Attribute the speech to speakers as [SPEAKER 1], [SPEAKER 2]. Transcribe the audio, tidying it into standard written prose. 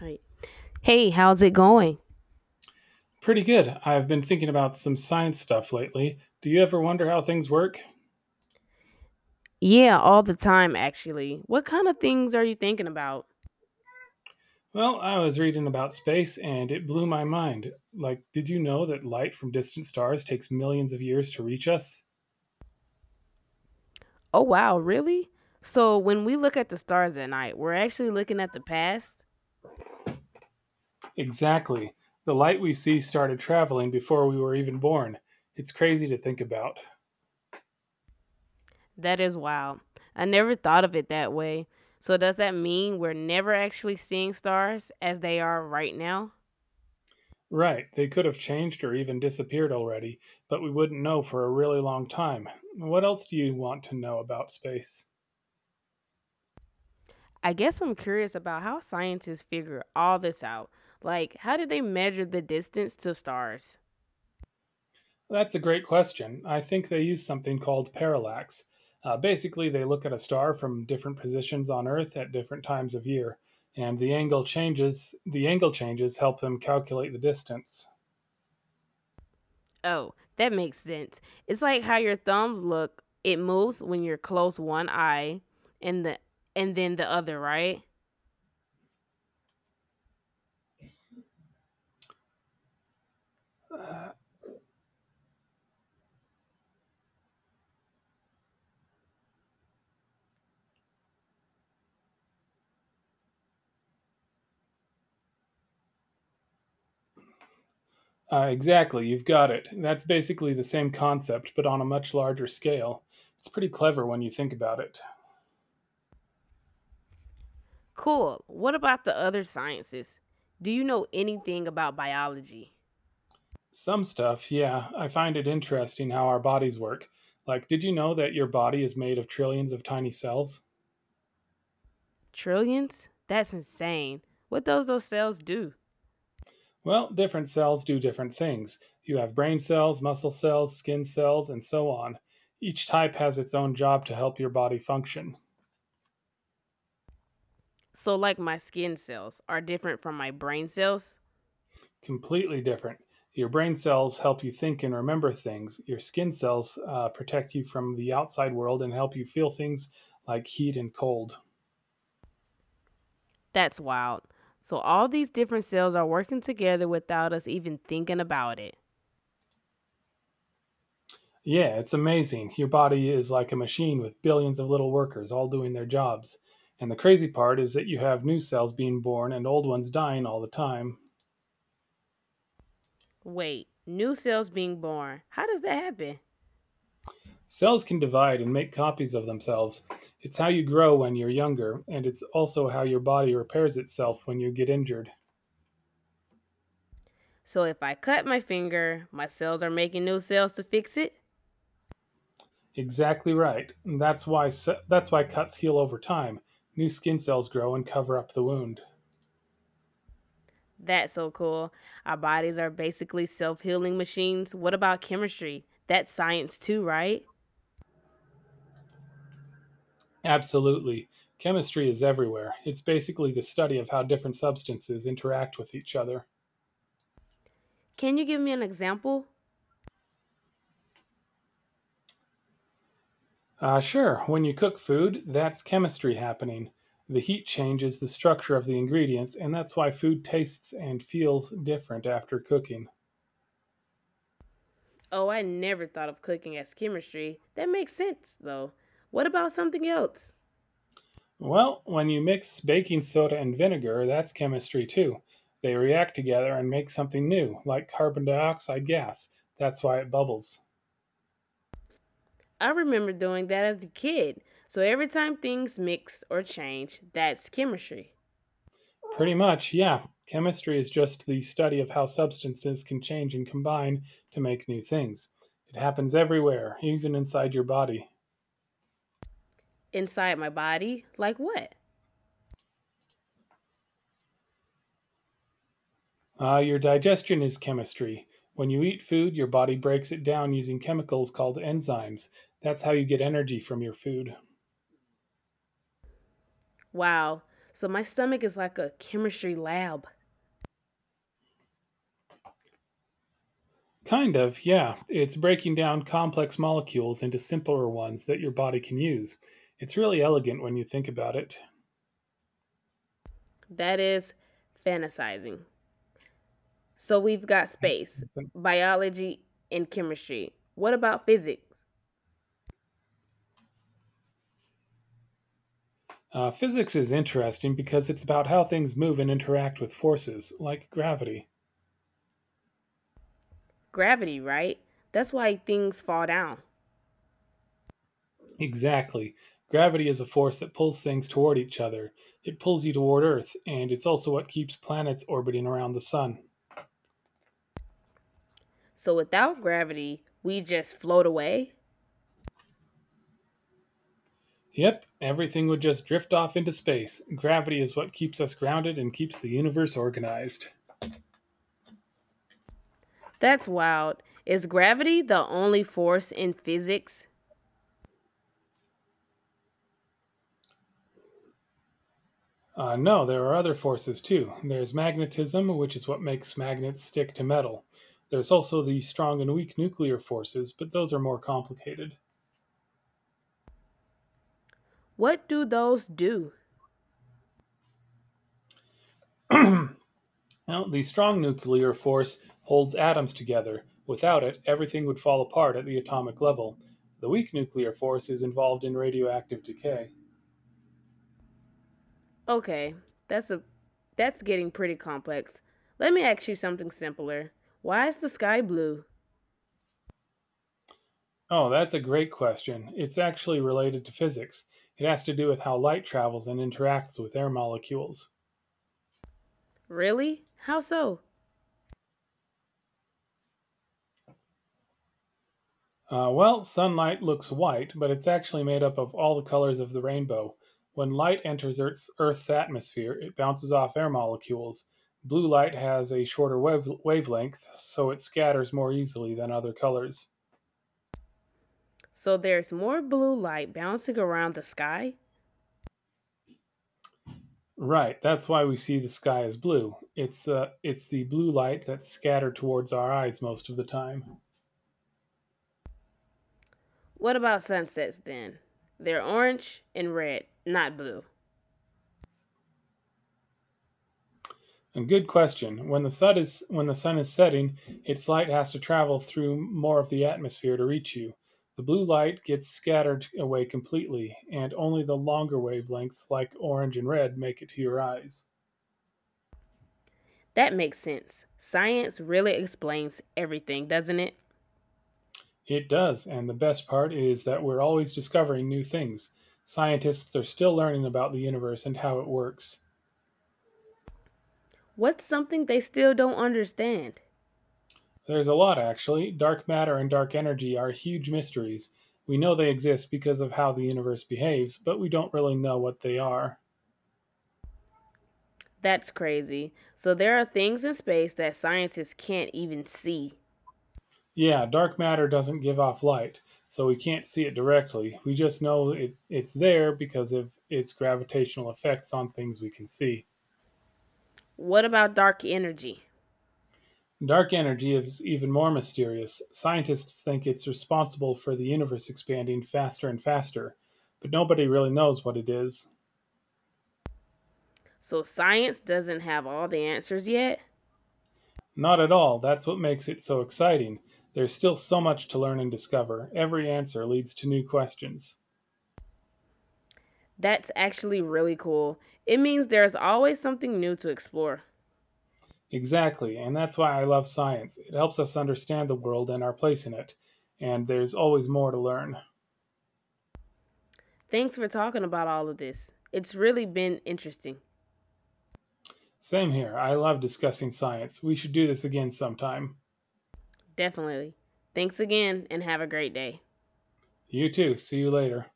[SPEAKER 1] Right. Hey, how's it going?
[SPEAKER 2] Pretty good. I've been thinking about some science stuff lately. Do you ever wonder how things work?
[SPEAKER 1] Yeah, all the time, actually. What kind of things are you thinking about?
[SPEAKER 2] Well, I was reading about space and it blew my mind. Like, did you know that light from distant stars takes millions of years to reach us?
[SPEAKER 1] Oh, wow, really? So, when we look at the stars at night, we're actually looking at the past?
[SPEAKER 2] Exactly. The light we see started traveling before we were even born. It's crazy to think about.
[SPEAKER 1] That is wild. I never thought of it that way. So, does that mean we're never actually seeing stars as they are right now?
[SPEAKER 2] Right, they could have changed or even disappeared already, but we wouldn't know for a really long time. What else do you want to know about space?
[SPEAKER 1] I guess I'm curious about how scientists figure all this out. Like, how did they measure the distance to stars?
[SPEAKER 2] That's a great question. I think they use something called parallax. Basically, they look at a star from different positions on Earth at different times of year, and the angle changes. The angle changes help them calculate the distance.
[SPEAKER 1] Oh, that makes sense. It's like how your thumbs look. It moves when you're close one eye and the and then the other, right?
[SPEAKER 2] Exactly, you've got it. That's basically the same concept, but on a much larger scale. It's pretty clever when you think about it.
[SPEAKER 1] Cool. What about the other sciences? Do you know anything about biology?
[SPEAKER 2] Some stuff, yeah, I find it interesting how our bodies work. Like, did you know that your body is made of trillions of tiny cells?
[SPEAKER 1] Trillions? That's insane. What does those cells do?
[SPEAKER 2] Well, different cells do different things. You have brain cells, muscle cells, skin cells, and so on. Each type has its own job to help your body function.
[SPEAKER 1] So like my skin cells are different from my brain cells?
[SPEAKER 2] Completely different. Your brain cells help you think and remember things. Your skin cells protect you from the outside world and help you feel things like heat and cold.
[SPEAKER 1] That's wild. So all these different cells are working together without us even thinking about it.
[SPEAKER 2] Yeah, it's amazing. Your body is like a machine with billions of little workers all doing their jobs. And the crazy part is that you have new cells being born and old ones dying all the time,
[SPEAKER 1] Wait, new cells being born. How does that happen?
[SPEAKER 2] Cells can divide and make copies of themselves. It's how you grow when you're younger, and it's also how your body repairs itself when you get injured.
[SPEAKER 1] So if I cut my finger, my cells are making new cells to fix it.
[SPEAKER 2] Exactly right. And that's why cuts heal over time. New skin cells grow and cover up the wound.
[SPEAKER 1] That's so cool. Our bodies are basically self healing machines. What about chemistry? That's science too, right?
[SPEAKER 2] Absolutely. Chemistry is everywhere. It's basically the study of how different substances interact with each other.
[SPEAKER 1] Can you give me an example?
[SPEAKER 2] Sure, when you cook food, that's chemistry happening. The heat changes the structure of the ingredients, and that's why food tastes and feels different after cooking.
[SPEAKER 1] Oh, I never thought of cooking as chemistry. That makes sense, though. What about something else?
[SPEAKER 2] Well, when you mix baking soda and vinegar, that's chemistry too. They react together and make something new, like carbon dioxide gas. That's why it bubbles.
[SPEAKER 1] I remember doing that as a kid. So every time things mix or change, that's chemistry.
[SPEAKER 2] Pretty much, yeah. Chemistry is just the study of how substances can change and combine to make new things. It happens everywhere, even inside your body.
[SPEAKER 1] Inside my body, like what?
[SPEAKER 2] Your digestion is chemistry. When you eat food, your body breaks it down using chemicals called enzymes. That's how you get energy from your food.
[SPEAKER 1] Wow. So my stomach is like a chemistry lab.
[SPEAKER 2] Kind of, yeah. It's breaking down complex molecules into simpler ones that your body can use. It's really elegant when you think about it.
[SPEAKER 1] That is Fantasizing. So we've got space, biology, and chemistry. What about physics?
[SPEAKER 2] Physics is interesting because it's about how things move and interact with forces, like gravity.
[SPEAKER 1] Gravity, right? That's why things fall down.
[SPEAKER 2] Exactly. Gravity is a force that pulls things toward each other. It pulls you toward Earth, and it's also what keeps planets orbiting around the sun.
[SPEAKER 1] So without gravity, we just float away?
[SPEAKER 2] Yep, everything would just drift off into space. Gravity is what keeps us grounded and keeps the universe organized.
[SPEAKER 1] That's wild. Is gravity the only force in physics?
[SPEAKER 2] No, there are other forces too. There's magnetism, which is what makes magnets stick to metal. There's also the strong and weak nuclear forces, but those are more complicated.
[SPEAKER 1] What do those do?
[SPEAKER 2] Now, the strong nuclear force holds atoms together. Without it, everything would fall apart at the atomic level. The weak nuclear force is involved in radioactive decay.
[SPEAKER 1] Okay, that's a that's getting pretty complex. Let me ask you something simpler. Why is the sky blue?
[SPEAKER 2] Oh, that's a great question. It's actually related to physics. It has to do with how light travels and interacts with air molecules.
[SPEAKER 1] Really? How so?
[SPEAKER 2] Well, sunlight looks white, but it's actually made up of all the colors of the rainbow. When light enters Earth's atmosphere, it bounces off air molecules. Blue light has a shorter wavelength, so it scatters more easily than other colors.
[SPEAKER 1] So there's more blue light bouncing around the sky?
[SPEAKER 2] Right, that's why we see the sky as blue. It's the blue light that's scattered towards our eyes most of the time.
[SPEAKER 1] What about sunsets then? They're orange and red, not blue.
[SPEAKER 2] A good question. When the sun is setting, its light has to travel through more of the atmosphere to reach you. The blue light gets scattered away completely, and only the longer wavelengths like orange and red make it to your eyes.
[SPEAKER 1] That makes sense. Science really explains everything, doesn't it?
[SPEAKER 2] It does, and the best part is that we're always discovering new things. Scientists are still learning about the universe and how it works.
[SPEAKER 1] What's something they still don't understand?
[SPEAKER 2] There's a lot actually. Dark matter and dark energy are huge mysteries. We know they exist because of how the universe behaves, but we don't really know what they are.
[SPEAKER 1] That's crazy. So there are things in space that scientists can't even see.
[SPEAKER 2] Yeah, dark matter doesn't give off light, so we can't see it directly. We just it's there because of its gravitational effects on things we can see.
[SPEAKER 1] What about dark energy?
[SPEAKER 2] Dark energy is even more mysterious. Scientists think it's responsible for the universe expanding faster and faster, but nobody really knows what it is.
[SPEAKER 1] So science doesn't have all the answers yet?
[SPEAKER 2] Not at all. That's what makes it so exciting. There's still so much to learn and discover. Every answer leads to new questions.
[SPEAKER 1] That's actually really cool. It means there's always something new to explore.
[SPEAKER 2] Exactly, and that's why I love science. It helps us understand the world and our place in it, and there's always more to learn.
[SPEAKER 1] Thanks for talking about all of this. It's really been interesting.
[SPEAKER 2] Same here. I love discussing science. We should do this again sometime.
[SPEAKER 1] Definitely. Thanks again and have a great day.
[SPEAKER 2] You too. See you later.